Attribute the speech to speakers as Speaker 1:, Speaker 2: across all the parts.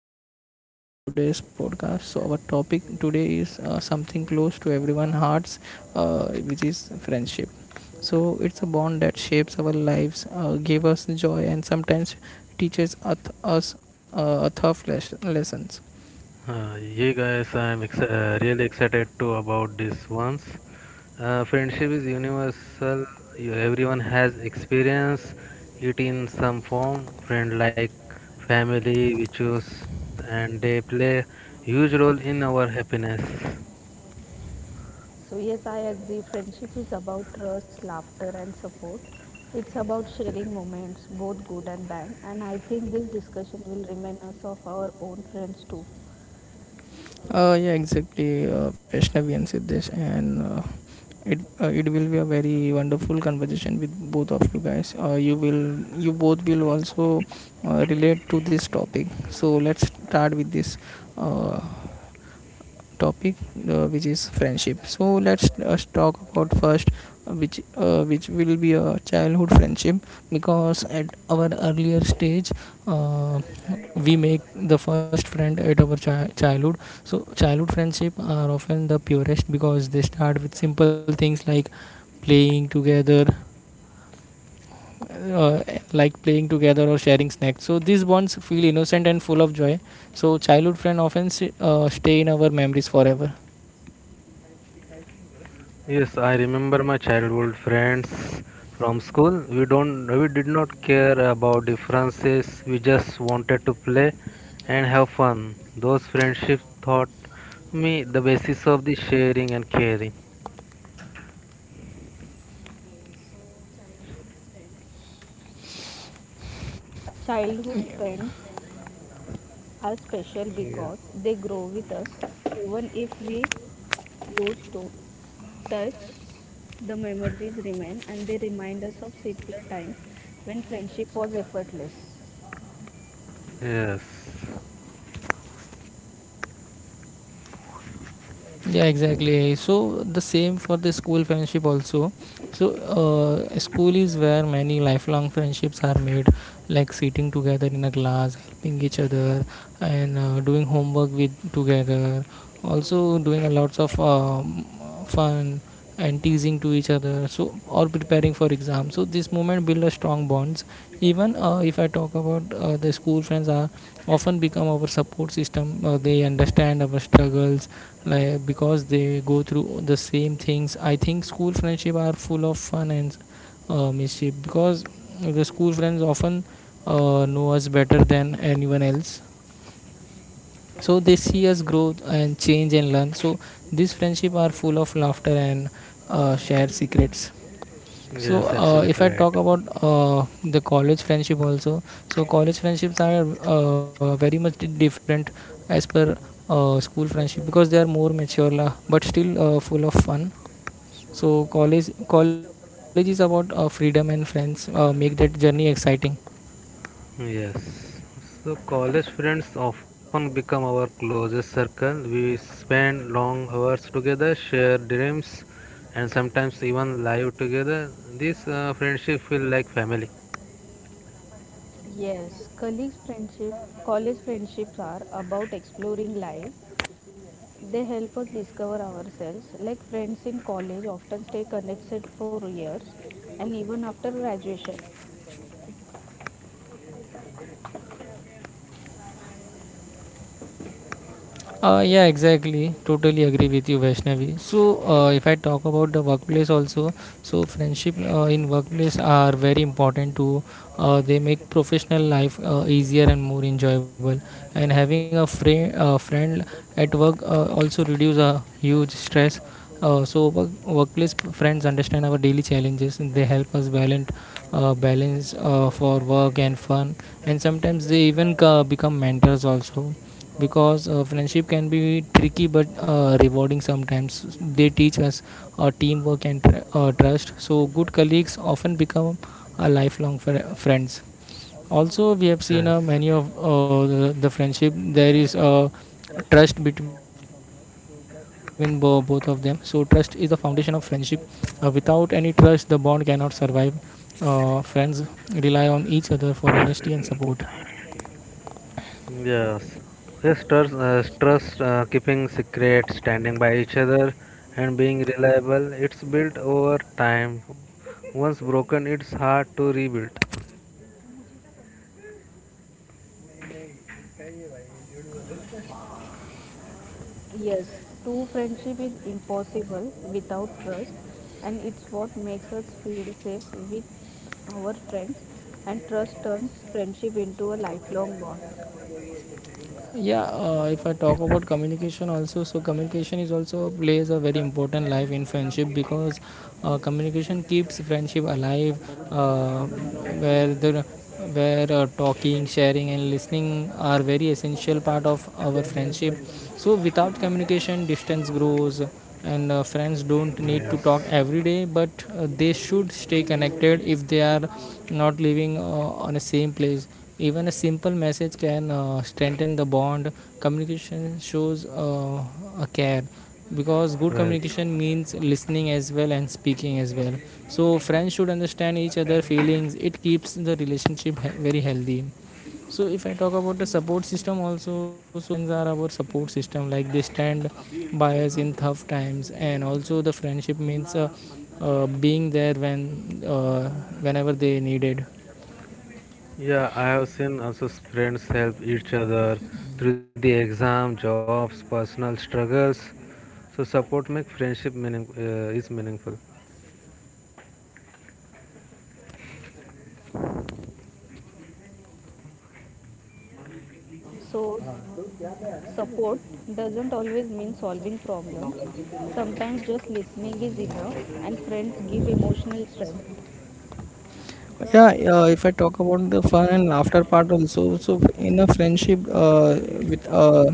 Speaker 1: Vaishnavi in today's podcast. So our topic today is something close to everyone's hearts, which is friendship. So it's a bond that shapes our lives, give us joy, and sometimes teaches us a tough lessons.
Speaker 2: Yeah, guys, I'm really excited too about this once. Friendship is universal. Everyone has experience it in some form. Friend like family, we choose, and they play huge role in our happiness.
Speaker 3: So, yes, I agree. Friendship is about trust, laughter, and support. It's about sharing moments, both good and bad. And I think this discussion will remind us of our own friends too.
Speaker 1: Yeah, exactly, Vaishnavi and Siddesh, and it will be a very wonderful conversation with both of you guys. You both will also relate to this topic. So let's start with this uh, topic which is friendship, so let's us talk about first which will be a childhood friendship. Because at our earlier stage, uh, we make the first friend at our childhood. So childhood friendship are often the purest because they start with simple things playing together uh, like playing together or sharing snacks. So these bonds feel innocent and full of joy. So childhood friend often stay in our memories forever.
Speaker 2: Yes, I remember my childhood friends from school. We did not care about differences. We just wanted to play and have fun. Those friendships taught me the basis of the sharing and caring.
Speaker 3: Childhood friends are special because
Speaker 2: Yeah.
Speaker 3: they grow with us, even if we lose to touch, the memories remain and they remind us of simpler times when friendship was effortless.
Speaker 2: Yes,
Speaker 1: Yeah, exactly, so the same for the school friendship also. So school is where many lifelong friendships are made, like sitting together in a class, helping each other, and doing homework with together, also doing a lots of fun and teasing to each other, so or preparing for exam. So this moment build a strong bonds. Even if I talk about the school friends, are often become our support system. They understand our struggles, like because they go through the same things. I think school friendship are full of fun and mischief, because the school friends often know us better than anyone else. So they see us grow and change and learn. So these friendship are full of laughter and share secrets. So
Speaker 2: yes,
Speaker 1: if
Speaker 2: absolutely
Speaker 1: I talk
Speaker 2: right.
Speaker 1: about the college friendship also, so college friendships are very much different as per school friendship, because they are more mature but still full of fun. So college is about freedom, and friends make that journey exciting.
Speaker 2: Yes. So college friends often become our closest circle. We spend long hours together, share dreams, and sometimes even live together. This friendship feel like family.
Speaker 3: Yes, colleagues friendship, college friendships are about exploring life. They help us discover ourselves. Like friends in college often stay connected for years and even after graduation.
Speaker 1: Yeah, exactly. Totally agree with you, Vaishnavi. So, if I talk about the workplace also, so friendship in workplace are very important too. They make professional life easier and more enjoyable. And having a friend at work also reduce a huge stress. So workplace friends understand our daily challenges, and they help us balance for work and fun, and sometimes they even become mentors also. Because friendship can be tricky but rewarding sometimes. They teach us teamwork and trust. So good colleagues often become a lifelong friends. Also, we have seen
Speaker 2: Yes.
Speaker 1: many of the friendship. There is trust between both of them. So trust is the foundation of friendship. Without any trust, the bond cannot survive. Friends rely on each other for honesty and support.
Speaker 2: Yes. Yes. Trust, keeping secret, standing by each other, and being reliable. It's built over time. Once broken, it's hard to rebuild.
Speaker 3: Yes, true friendship is impossible without trust and it's what makes us feel safe with our friends and trust turns friendship into a lifelong bond.
Speaker 1: Yeah, if I talk about communication also, so communication is also plays a very important life in friendship. Because communication keeps friendship alive, uh, where the where talking, sharing and listening are very essential part of our friendship. So without communication, distance grows, and friends don't need to
Speaker 2: Yes.
Speaker 1: talk every day, but they should stay connected if they are not living on the same place. Even a simple message can strengthen the bond. Communication shows a care, because good
Speaker 2: Right.
Speaker 1: communication means listening as well and speaking as well. So friends should understand each other feelings. It keeps the relationship very healthy. So if I talk about the support system also, so friends are our support system. Like they stand buyers in tough times, and also the friendship means being there whenever they needed.
Speaker 2: Yeah, I have seen also friends help each other through the exam, jobs, personal struggles. So support make friendship meaning is meaningful.
Speaker 3: So support doesn't always mean solving problems. Sometimes just listening is enough, and friends give emotional strength.
Speaker 1: Yeah, if I talk about the fun and laughter part also, so in a friendship with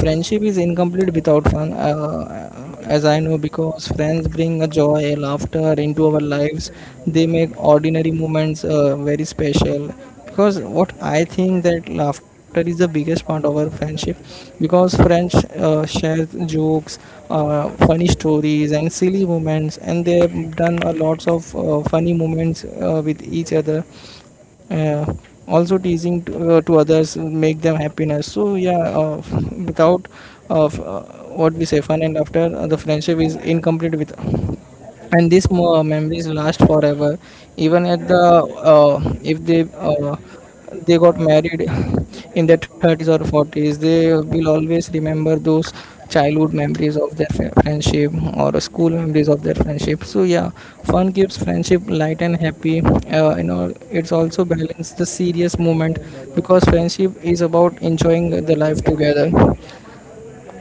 Speaker 1: friendship is incomplete without fun, as I know, because friends bring a joy a laughter into our lives. They make ordinary moments very special, because what I think that laughter is the biggest part of our friendship, because friends share jokes, funny stories and silly moments, and they have done a lots of funny moments with each other. uh, Also teasing to others make them happiness. So yeah, without of what we say fun and after, the friendship is incomplete with. And these memories last forever, even at the if they got married in their 30s or 40s, they will always remember those childhood memories of their friendship, or school memories of their friendship. So yeah, fun keeps friendship light and happy. Uh, you know, it's also balance the serious moment, because friendship is about enjoying the life together.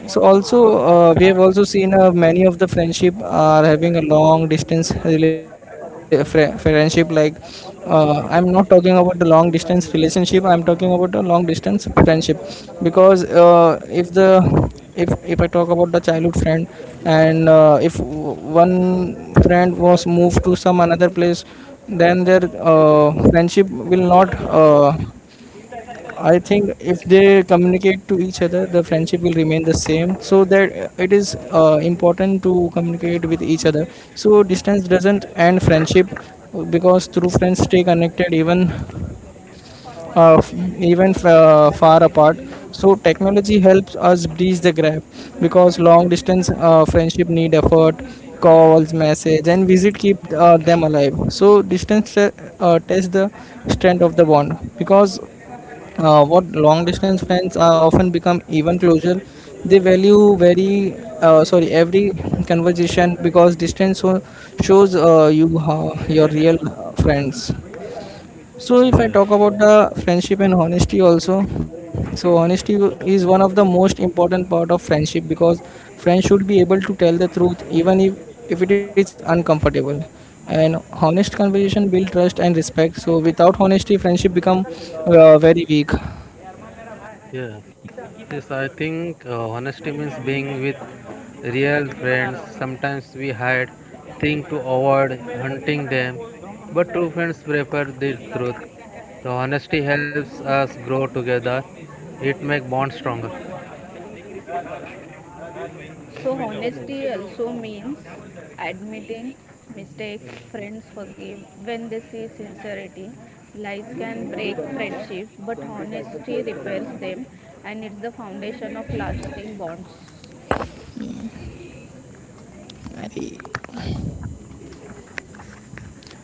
Speaker 1: So also we have also seen many of the friendship are having a long distance friendship. Like I'm not talking about the long distance relationship, I'm talking about the long distance friendship. Because if I talk about the childhood friend, and if w- one friend was moved to some another place, then their friendship will not. I think if they communicate to each other, the friendship will remain the same. So that it is important to communicate with each other. So distance doesn't end friendship, because through friends stay connected, even far apart. So technology helps us bridge the gap, because long distance friendship need effort. Calls, message, and visit keep them alive. So distance tests the strength of the bond, because what long distance friends are often become even closer. They value very sorry every conversation, because distance so shows you how your real friends. So, if I
Speaker 2: Yes,
Speaker 1: talk about the friendship and honesty also, so honesty is one of the most important part of friendship, because friends should be able to tell the truth, even if it is uncomfortable. And honest conversation build trust and respect. So, without honesty, friendship become very weak.
Speaker 2: yes, yes. I think honesty means being with real friends. Sometimes we hide, think to avoid hunting them, but true friends prefer the truth. The honesty helps us grow together. It make bond stronger.
Speaker 3: So, honesty also means admitting mistakes, friends forgive when they see sincerity. Lies can break friendships, but honesty repairs them and it's the foundation of lasting bonds.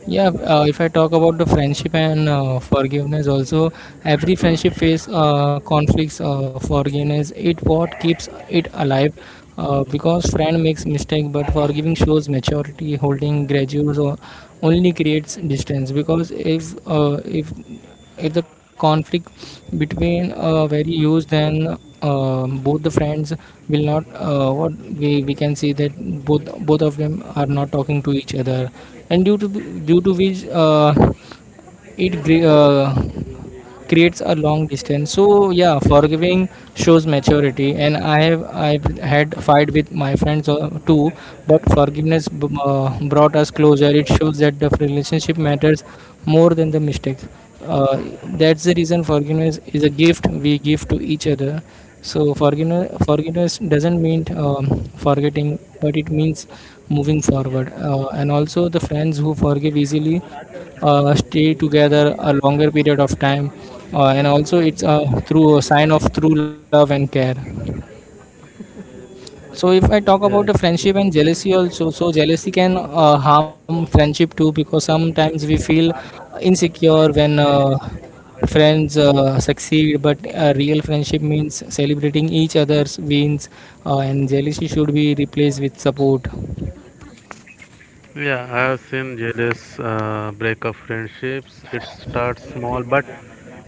Speaker 1: Yeah, if I talk about the friendship and forgiveness also, every friendship face conflicts. Forgiveness it what keeps it alive, because friend makes mistake, but forgiving shows maturity. Holding grudges or only creates distance. Because if if the conflict between very used, then both the friends will not. What we can see that both of them are not talking to each other, and due to which it creates a long distance. So yeah, forgiving shows maturity, and I've had fight with my friends too. But forgiveness brought us closer. It shows that the relationship matters more than the mistake. uh, that's the reason forgiveness is a gift we give to each other. So forgiveness doesn't mean forgetting, but it means moving forward. And also, the friends who forgive easily stay together a longer period of time. And also, it's through a sign of true love and care. So if I talk about the
Speaker 2: Yes.
Speaker 1: friendship and jealousy also, so jealousy can harm friendship too, because sometimes we feel insecure when friends succeed, but a real friendship means celebrating each other's wins, and jealousy should be replaced with support.
Speaker 2: Yeah, I have seen jealous break of friendships. It starts small but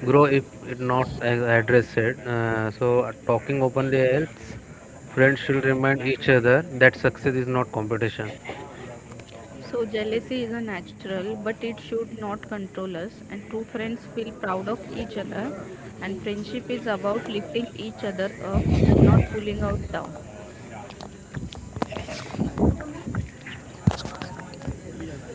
Speaker 2: grow if it not addressed. So talking openly helps. Friends should remind each other that success is not competition.
Speaker 3: So, jealousy is a natural, but it should not control us. And true friends feel proud of each other. And friendship is about lifting each other up and not pulling out down.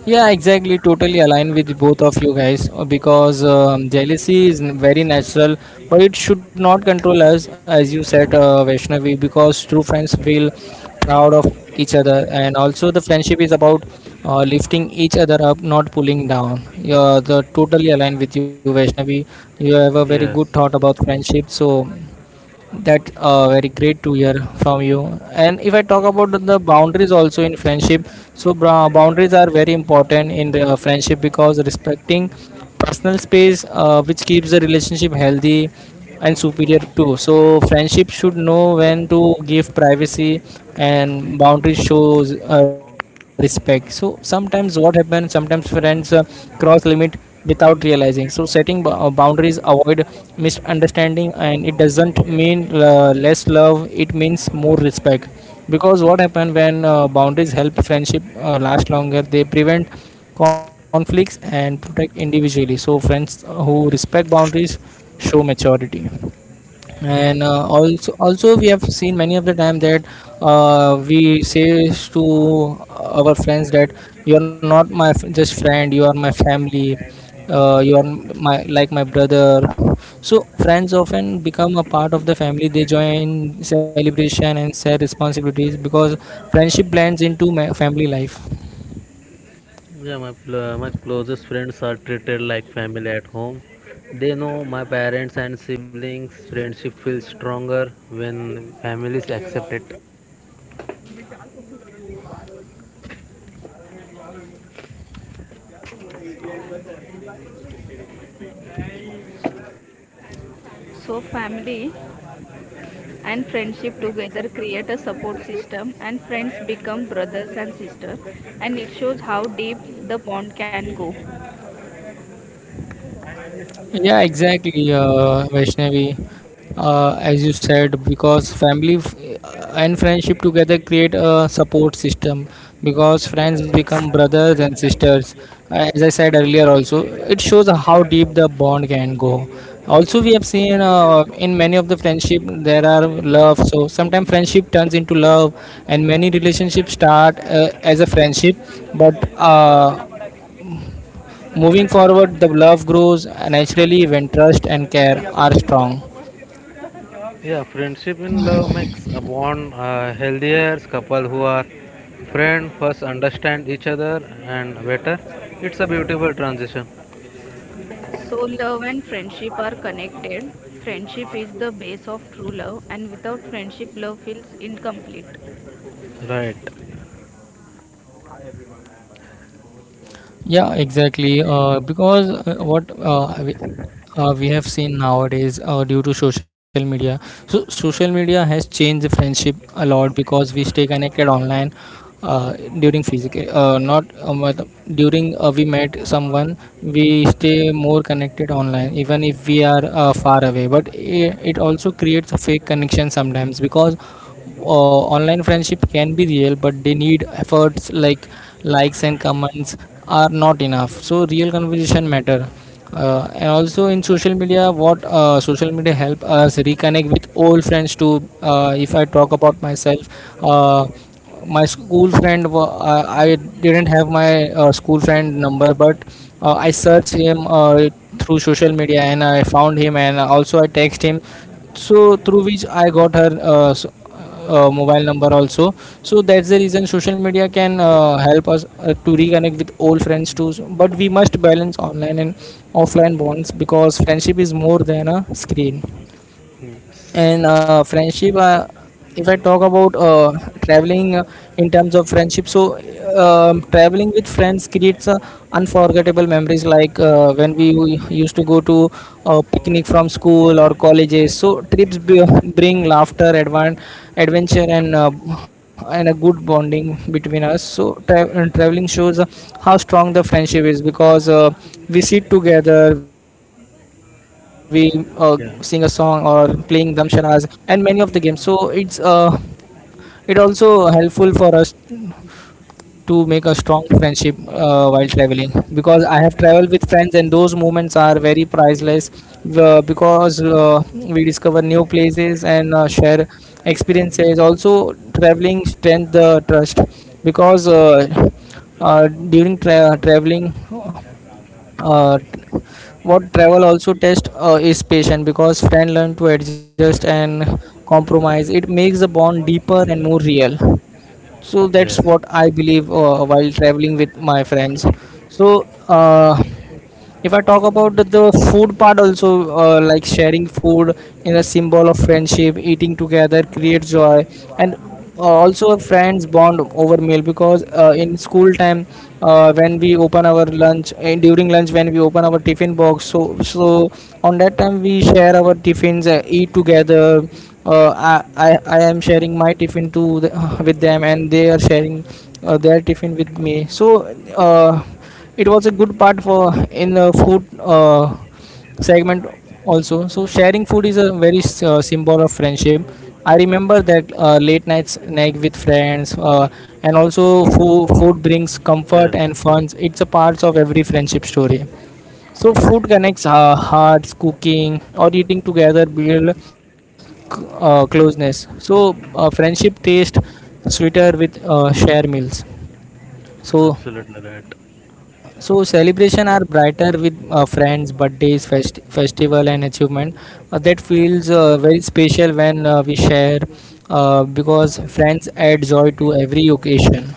Speaker 1: Yeah, exactly. Totally aligned with both of you guys, because jealousy is very natural, but it should not control us, as you said, Vaishnavi, because true friends feel proud of each other, and also the friendship is about lifting each other up, not pulling down. You're the totally aligned with you, Vaishnavi. You have a very good
Speaker 2: Yes.
Speaker 1: thought about friendship, so that very great to hear from you. And if I talk about the boundaries also in friendship, so boundaries are very important in the friendship, because respecting personal space which keeps the relationship healthy and superior too. So friendship should know when to give privacy, and boundaries shows respect. So sometimes what happens, sometimes friends cross limit without realizing. So setting boundaries avoid misunderstanding, and it doesn't mean less love, it means more respect. Because what happen, when boundaries help friendship last longer, they prevent conflicts and protect individually. So friends who respect boundaries show maturity. And also we have seen many of the time that we say to our friends that you are not my just friend, you are my family. You are my like my brother. So friends often become a part of the family, they join celebration and share responsibilities, because friendship blends into family life.
Speaker 2: Yeah, my closest friends are treated like family at home. They know my parents and siblings. Friendship feels stronger when families accept it.
Speaker 3: So, family and friendship together create a support system, and friends become brothers and sisters. And it shows how deep the bond can go.
Speaker 1: Yeah, exactly, Vaishnavi. As you said, because family and friendship together create a support system. Because friends become brothers and sisters. As I said earlier, also it shows how deep the bond can go. Also, we have seen in many of the friendship there are love. So sometimes friendship turns into love, and many relationships start as a friendship, but moving forward, the love grows naturally when trust and care are strong.
Speaker 2: Yeah, friendship in love makes a bond healthier. Couple who are friend first understand each other and better. It's a beautiful transition.
Speaker 3: So, love and friendship are connected. Friendship is the base of true love, and without friendship, love feels incomplete.
Speaker 2: Right.
Speaker 1: Yeah, exactly. Because what we have seen nowadays due to social media. So social media has changed the friendship a lot because we stay connected online uh, during physical, not but during we met someone, we stay more connected online even if we are far away. But it also creates a fake connection sometimes, because online friendship can be real, but they need efforts like likes and comments are not enough. So real conversation matter, and also in social media, what social media help us reconnect with old friends too. If I talk about myself, uh, my school friend, I didn't have my school friend number, but I searched him through social media and I found him, and also I text him. So through which I got her mobile number also. So that's the reason social media can help us to reconnect with old friends too. But we must balance online and offline bonds, because friendship is more than a screen.
Speaker 2: Yes.
Speaker 1: And friendship, if I talk about traveling in terms of friendship, so traveling with friends creates unforgettable memories, like when we used to go to picnic from school or colleges. So bring laughter, adventure, and and a good bonding between us. So and traveling shows how strong the friendship is, because we sit together, we uh, sing a song or
Speaker 2: Yeah.
Speaker 1: playing damshanas and many of the games. So it's it also helpful for us to make a strong friendship while traveling, because I have traveled with friends and those moments are very priceless. Because we discover new places and share experiences. Also, traveling strengthens the trust, because during traveling, uh, what travel also test is patient, because friend learn to adjust and compromise. It makes the bond deeper and more real. So that's what
Speaker 2: Yes.
Speaker 1: I believe, while traveling with my friends. So uh, if I talk about the food part also, like sharing food in a symbol of friendship, eating together creates joy, and also a friends bond over meal. Because in school time, when we open our lunch, and during lunch when we open our tiffin box, so on that time we share our tiffins, eat together. I am sharing my tiffin to the, with them, and they are sharing their tiffin with me. So uh, it was a good part for in the food segment also. So sharing food is a very symbol of friendship. I remember that late night snack with friends, and also food brings comfort
Speaker 2: Yes.
Speaker 1: and fun. It's a part of every friendship story. So food connects hearts, cooking or eating together build closeness. So friendship taste sweeter with share meals. So
Speaker 2: Absolutely right.
Speaker 1: so celebration are brighter with friends, birthdays, festival and achievement. That feels very special when we share, because friends add joy to every occasion.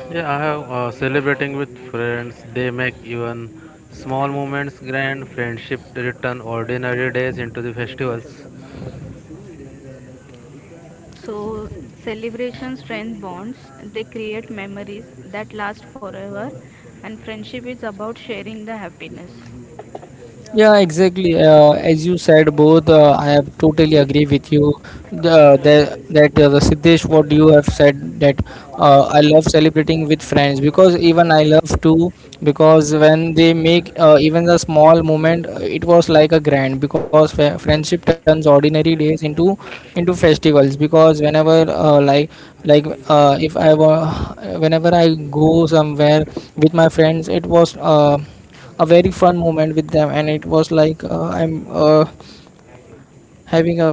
Speaker 2: Yeah, I have celebrating with friends. They make even small moments grand. Friendship to return ordinary days into the festivals.
Speaker 3: So, celebration strengthens bonds, they create memories that last forever, and friendship is about sharing the happiness.
Speaker 1: Yeah, exactly. As you said, both, I have totally agree with you. The Siddesh, what you have said, that I love celebrating with friends, because even I love too. Because when they make even the small moment, it was like a grand, because friendship turns ordinary days into festivals. Because whenever like if I wa- whenever I go somewhere with my friends, it was. A very fun moment with them, and it was like I'm uh, having a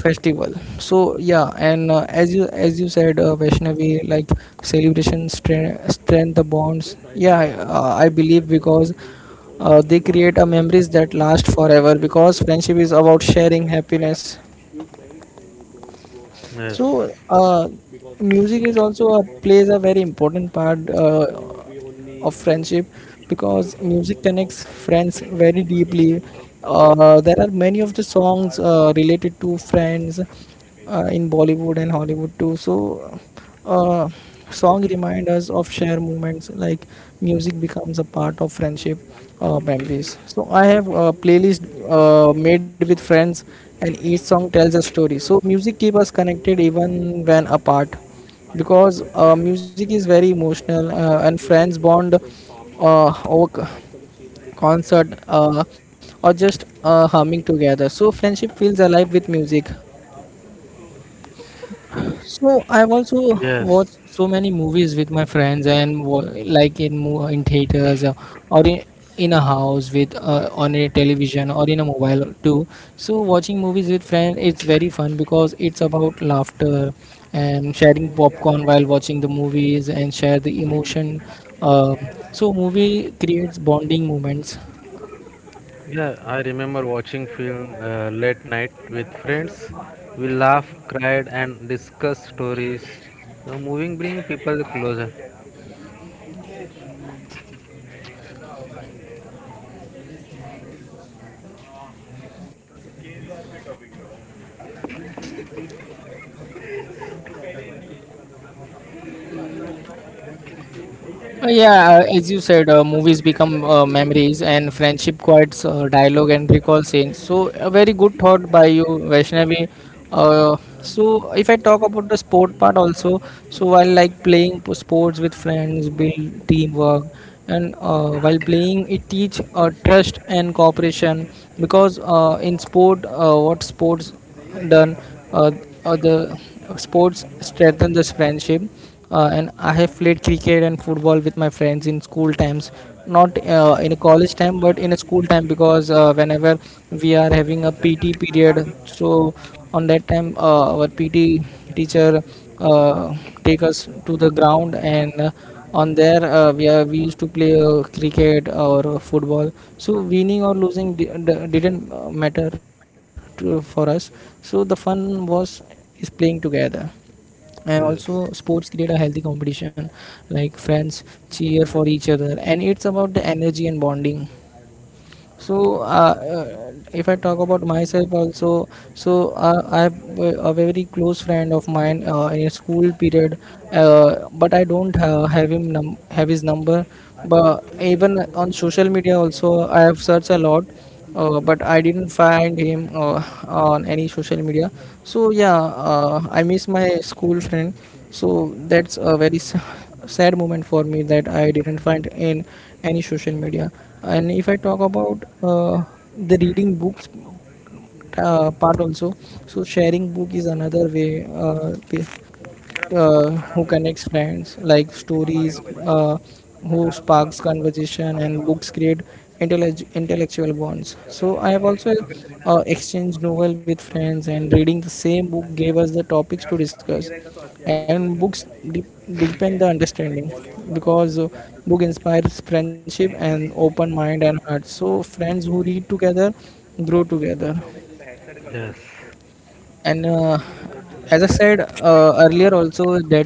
Speaker 1: festival. So yeah, and as you said Vaishnavi, like celebration strengthen the bonds. Yeah, I believe, because they create a memories that last forever, because friendship is about sharing happiness.
Speaker 2: Yes.
Speaker 1: So, music is also a, plays a very important part of friendship, because music connects friends very deeply. There are many of the songs related to friends in Bollywood and Hollywood too. So, uh, song remind us of shared moments, like music becomes a part of friendship memories. So I have a playlist made with friends, and each song tells a story. So music keep us connected even when apart, because music is very emotional, and friends bond concert, or just humming together. So friendship feels alive with music. So I've also
Speaker 2: Yes.
Speaker 1: watched so many movies with my friends, and like in in theaters, or in a house with on a television or in a mobile too. So watching movies with friends, it's very fun, because it's about laughter and sharing popcorn while watching the movies, and share the emotion. So movie creates bonding moments.
Speaker 2: Yeah, I remember watching film late night with friends. We laughed, cried, and discussed stories. The movie bring people closer.
Speaker 1: Yeah, as you said, movies become memories and friendship quotes, dialogue and recall scenes. So a very good thought by you, Vaishnavi. Uh, so if I talk about the sport part also, so while like playing sports with friends, build teamwork, and while playing it teach trust and cooperation. Because in sport, what sports done, uh, the sports strengthen this friendship, and I have played cricket and football with my friends in school times, not in college time, but in a school time. Because whenever we are having a pt period, so on that time our pt teacher uh, take us to the ground, and on there we used to play cricket or football. So winning or losing didn't matter to, for us. So the fun was is playing together. And also
Speaker 2: Yes.
Speaker 1: sports create a healthy competition, like friends cheer for each other, and it's about the energy and bonding. So if I talk about myself also, so I have a very close friend of mine in a school period, but I don't have have his number. But even on social media also, I have searched a lot, but I didn't find him on any social media. So yeah, I miss my school friend. So that's a very sad moment for me, that I didn't find in any social media. And if I talk about the reading books part also. So sharing book is another way who connects friends, like stories, who sparks conversation, and books create intellectual bonds. So I have also exchanged novel with friends, and reading the same book gave us the topics to discuss. And books deepen the understanding, because book inspires friendship and open mind and heart. So friends who read together grow together.
Speaker 2: Yes.
Speaker 1: And as I said earlier also that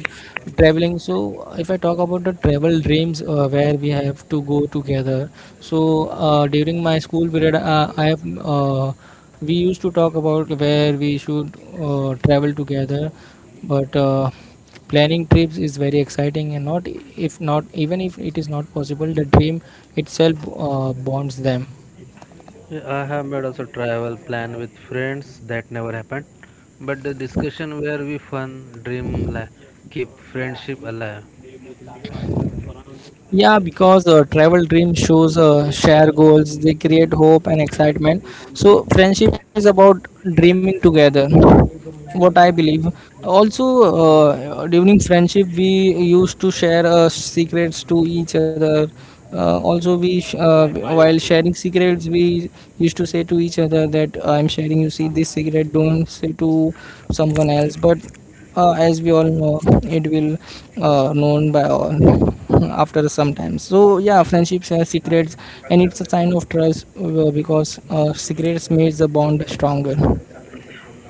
Speaker 1: traveling, so if I talk about the travel dreams where we have to go together. So during my school period, I have, we used to talk about where we should travel together. But planning trips is very exciting, and not if not, even if it is not possible, the dream itself bonds them.
Speaker 2: Yeah, I have made also travel plan with friends that never happened, but the discussion where we fun dream keep friendship alive.
Speaker 1: Yeah, because travel dream shows share goals, they create hope and excitement. So, friendship is about dreaming together, what I believe. Also, during friendship, we used to share secrets to each other. Also, while sharing secrets, we used to say to each other that I'm sharing you see this secret, don't say to someone else. But as we all know, it will known by all after some time. So yeah, friendships have secrets, and it's a sign of trust, because secrets makes the bond stronger.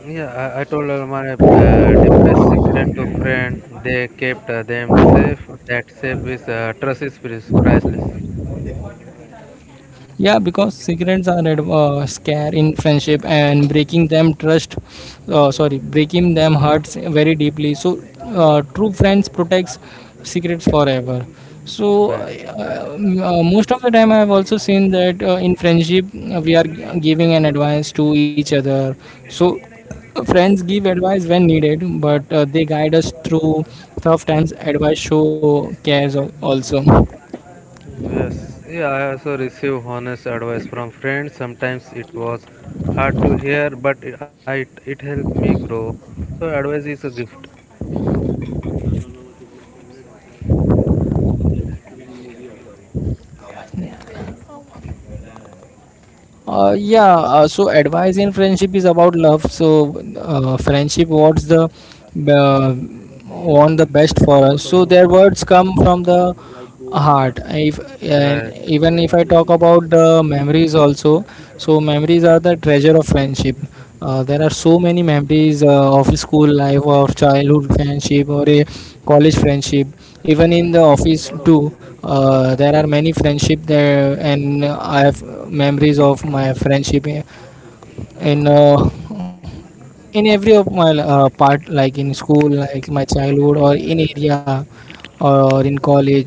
Speaker 2: Yeah, I told all my deepest secret to friend. They kept them safe. That safe is trust is priceless.
Speaker 1: Yeah, because cigarettes are scare in friendship, and breaking them trust, sorry, breaking them hurts very deeply. So, true friends protects secrets forever. So,
Speaker 2: Right.
Speaker 1: most of the time, I've also seen that in friendship giving an advice to each other. So, Friends give advice when needed, but they guide us through tough times. Advice show cares also.
Speaker 2: Mm, yes. Yeah, I also receive honest advice from friends. Sometimes it was hard to hear, but it helped me grow. So advice is a gift.
Speaker 1: Yeah, so advice in friendship is about love. So, friendship what's the uh, want the best for us. So their words come from the heart. If and
Speaker 2: Right.
Speaker 1: even if I talk about the memories also, so memories are the treasure of friendship. There are so many memories of school life, or childhood friendship, or a college friendship even in the office too. There are many friendship there, and I have memories of my friendship in in every of my part, like in school, like my childhood, or in area, or in college.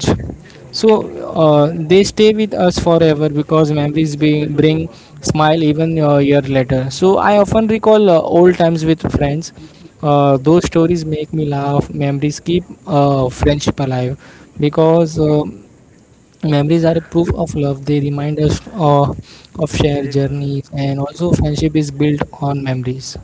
Speaker 1: So they stay with us forever because memories bring smile even a year later. So I often recall old times with friends. Those stories make me laugh. Memories keep friendship alive because memories are a proof of love. They remind us of shared journeys, and also friendship is built on memories.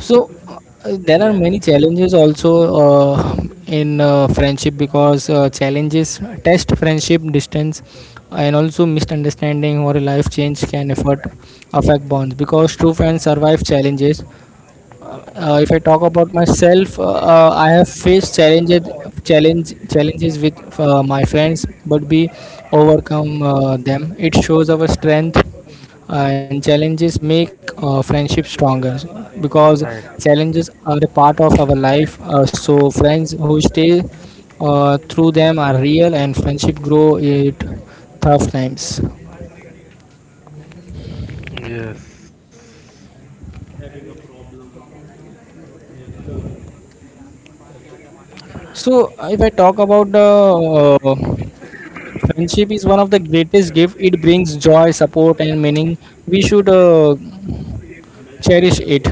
Speaker 1: So there are
Speaker 2: Yeah.
Speaker 1: many challenges also in friendship because challenges test friendship. Distance and also misunderstanding or life change can effort affect bonds because true friends survive challenges. If I talk about myself, I have faced challenges, challenges with my friends, but we overcome them. It shows our strength, and challenges make friendship stronger because
Speaker 2: Right.
Speaker 1: challenges are a part of our life. So friends who stay through them are real, and friendship grow it tough times.
Speaker 2: Yes.
Speaker 1: So if I talk about the friendship, is one of the greatest gift. It brings joy, support, and meaning. We should cherish it.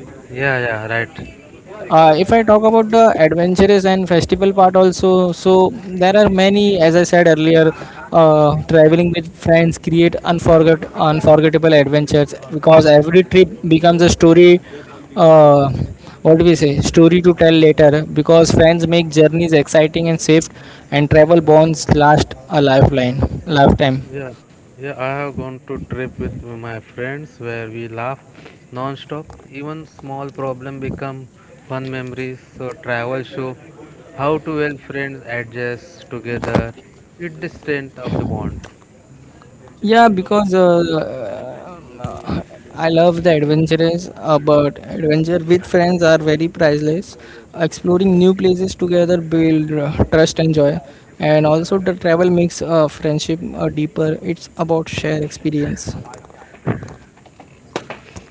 Speaker 2: Yeah. Yeah. Right.
Speaker 1: If I talk about the adventurous and festival part also, so there are many, as I said earlier, traveling with friends create unforgettable adventures because every trip becomes a story. uh, what do we say, story to tell later, because friends make journeys exciting and safe, and travel bonds last a lifeline lifetime.
Speaker 2: Yeah, yeah, I have gone to trip with my friends where we laugh non-stop. Even small problem become fun memories. So travel show how to well friends adjust together. It the strength of the bond.
Speaker 1: Yeah, because I love the adventures, but adventure with friends are very priceless. Exploring new places together build trust and joy, and also the travel makes friendship deeper. It's about shared experience.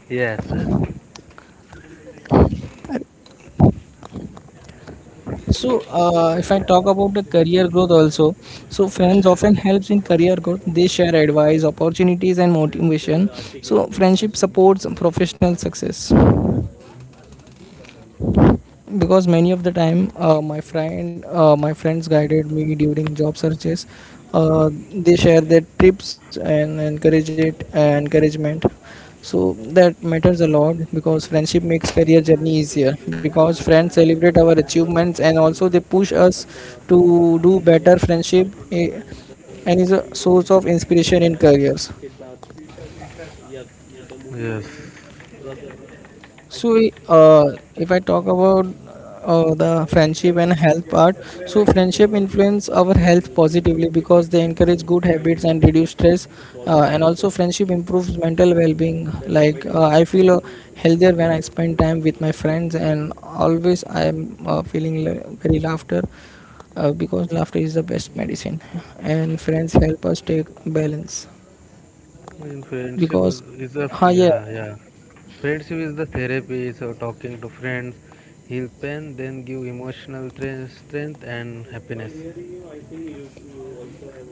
Speaker 2: Yes, yes,
Speaker 1: So, if I talk about the career growth also, so friends often helps in career growth. They share advice, opportunities, and motivation. So, friendship supports professional success. Because many of the time, my friends guided me during job searches. uh, they share their tips and encourage it, encouragement. So that matters a lot because friendship makes career journey easier, because friends celebrate our achievements, and also they push us to do better. Friendship and is a source of inspiration in careers.
Speaker 2: yes.
Speaker 1: So, if I talk about the friendship and health part, so friendship influence our health positively because they encourage good habits and reduce stress, and also friendship improves mental well-being. Like I feel healthier when I spend time with my friends, and always I am feeling very laughter, because laughter is the best medicine, and friends help us take balance
Speaker 2: In friendship
Speaker 1: because,
Speaker 2: is
Speaker 1: huh, yeah.
Speaker 2: yeah, yeah. Friendship is the therapy. So talking to friends heal pain, then give emotional strength and happiness.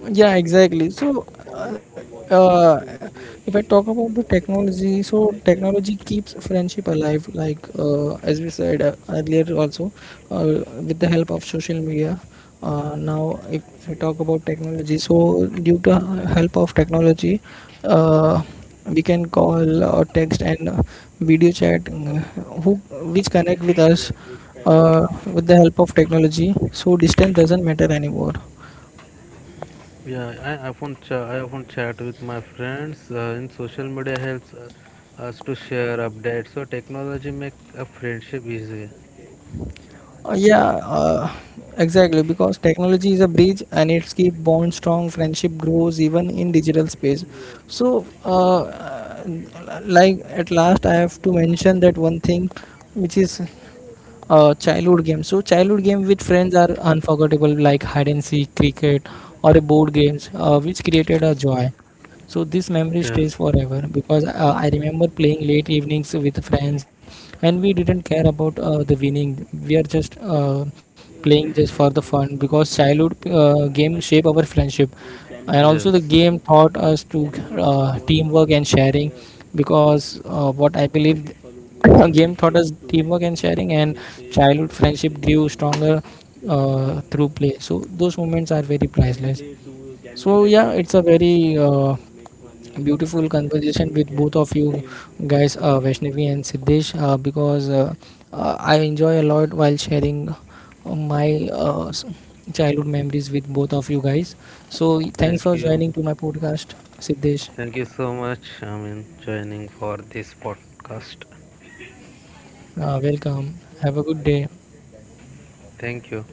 Speaker 1: Yeah, watched exactly. So, while watching TV, or if I talk about the technology, so like that. Technology keeps friendship alive, like as we said earlier, also uh, with the help of social media. Now, if I talk about technology, so due to help of technology, uh, we can call or text, and video chat, who which connect with us with the help of technology. So distance doesn't matter anymore.
Speaker 2: Yeah, I often chat with my friends. And social media helps us to share updates. So technology make a friendship easy.
Speaker 1: Uh, yeah uh, exactly, because technology is a bridge, and it's keep bond strong. Friendship grows even in digital space. So uh, like at last, I have to mention that one thing, which is childhood games. So childhood game with friends are unforgettable, like hide and seek, cricket, or a board games, which created a joy. So this memory stays
Speaker 2: Yes,
Speaker 1: forever because I remember playing late evenings with friends, and we didn't care about the winning. We are just playing just for the fun, because childhood game shape our friendship, and also the
Speaker 2: yes.
Speaker 1: game taught us to teamwork and sharing because what I believe game taught us teamwork and sharing, and childhood friendship grew stronger through play. So those moments are very priceless. So yeah, it's a very beautiful conversation with both of you guys, Vaishnavi and Siddesh, because I enjoy a lot while sharing my childhood memories with both of you guys. So
Speaker 2: Thank
Speaker 1: thanks for
Speaker 2: you.
Speaker 1: joining to my podcast, Siddesh.
Speaker 2: Thank you so much. I mean, joining for this podcast.
Speaker 1: Welcome. Have a good day.
Speaker 2: Thank you.